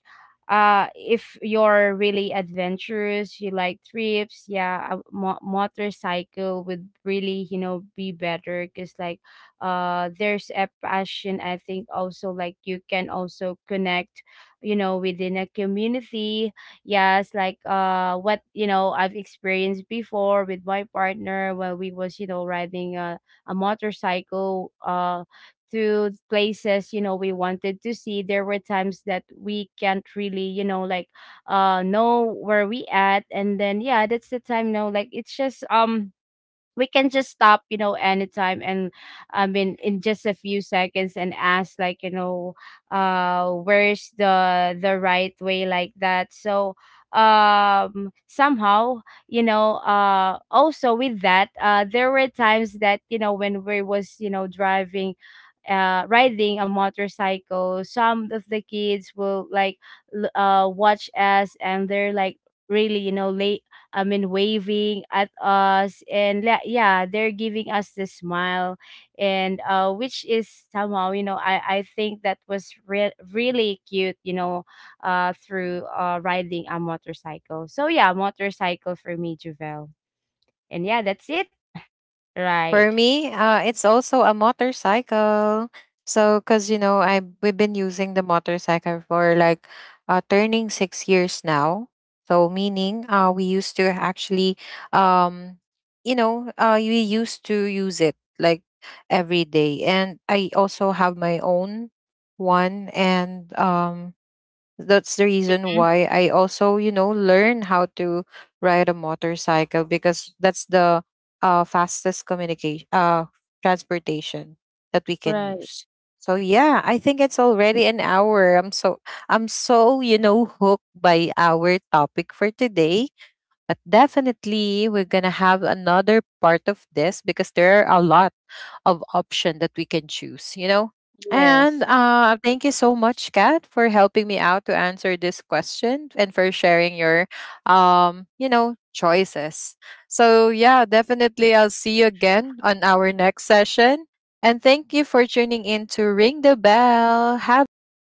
Speaker 2: uh If you're really adventurous, you like trips, yeah, a motorcycle would really, you know, be better. Because like there's a passion, I think also, like you can also connect, you know, within a community. Yes, like what, you know, I've experienced before with my partner when we was, you know, riding a motorcycle to places, you know, we wanted to see. There were times that we can't really, you know, like know where we at. And then yeah, that's the time, no, like it's just we can just stop, you know, anytime. And I mean, in just a few seconds, and ask, like, you know, where's the right way, like that. So somehow, you know, also with that, there were times that, you know, when we was, you know, driving, riding a motorcycle, some of the kids will like watch us, and they're like really, you know, late. I mean, waving at us, and yeah, they're giving us the smile, and which is somehow, you know, I think that was really cute, you know, through riding a motorcycle. So yeah, motorcycle for me, Juvel. And yeah, that's it, right?
Speaker 1: For me, it's also a motorcycle. So, cause, you know, I, we've been using the motorcycle for like, turning 6 years now. So, meaning, we used to actually, um, you know, we used to use it like every day, and I also have my own one, and, that's the reason
Speaker 2: Mhm.
Speaker 1: why I also, you know, learn how to ride a motorcycle, because that's the, fastest transportation that we can
Speaker 2: Right.
Speaker 1: use. So yeah, I think it's already an hour. I'm so, you know, hooked by our topic for today. But definitely, we're going to have another part of this, because there are a lot of options that we can choose, you know? And
Speaker 2: Yes.
Speaker 1: thank you so much, Kat, for helping me out to answer this question and for sharing your, you know, choices. So yeah, definitely I'll see you again on our next session. And thank you for tuning in to Ring the Bell. Have a great